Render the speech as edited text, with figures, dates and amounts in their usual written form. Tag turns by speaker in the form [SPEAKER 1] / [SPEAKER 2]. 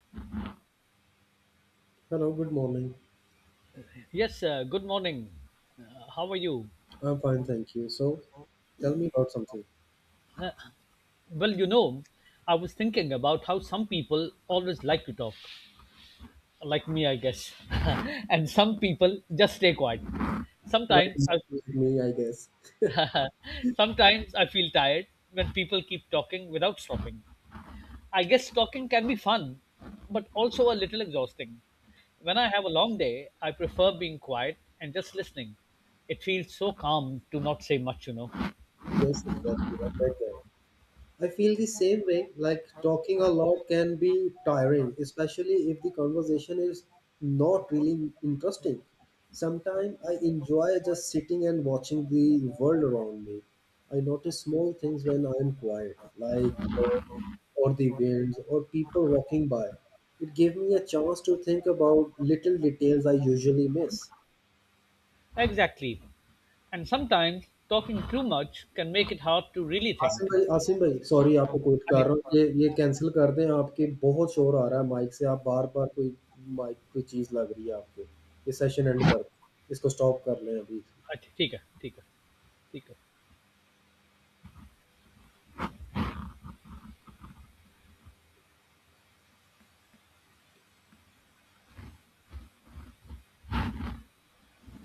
[SPEAKER 1] Hello, good morning.
[SPEAKER 2] Yes, good morning. How are you?
[SPEAKER 1] I'm fine, thank you. So, tell me about something.
[SPEAKER 2] Well, you know, I was thinking about how some people always like to talk, like me, I guess, and some people just stay quiet.
[SPEAKER 1] Like,
[SPEAKER 2] Sometimes I,
[SPEAKER 1] excuse me, I guess.
[SPEAKER 2] sometimes I feel tired when people keep talking without stopping. I guess talking can be fun, but also a little exhausting. When I have a long day, I prefer being quiet and just listening. It feels so calm to not say much.
[SPEAKER 1] Yes, exactly. I'm right there. I feel the same way, like talking a lot can be tiring, especially if the conversation is not really interesting. Sometimes I enjoy just sitting and watching the world around me. I notice small things when I am quiet, like or the winds or people walking by. It gave me a chance to think about little details I usually miss.
[SPEAKER 2] Exactly. And sometimes talking too much can make it hard to really
[SPEAKER 1] Asim
[SPEAKER 2] think.
[SPEAKER 1] भाई, आसिम भाई, sorry, आपको quit कर रहा हूँ.
[SPEAKER 2] Okay.
[SPEAKER 1] ये cancel कर दें, आपके बहुत शोर आ रहा है माइक से. आप बार बार कोई माइक पे चीज़ लग रही है आपके. ये सेशन एंड कर, इसको स्टॉप कर लें अभी.
[SPEAKER 2] ठीक है, ठीक है, ठीक है.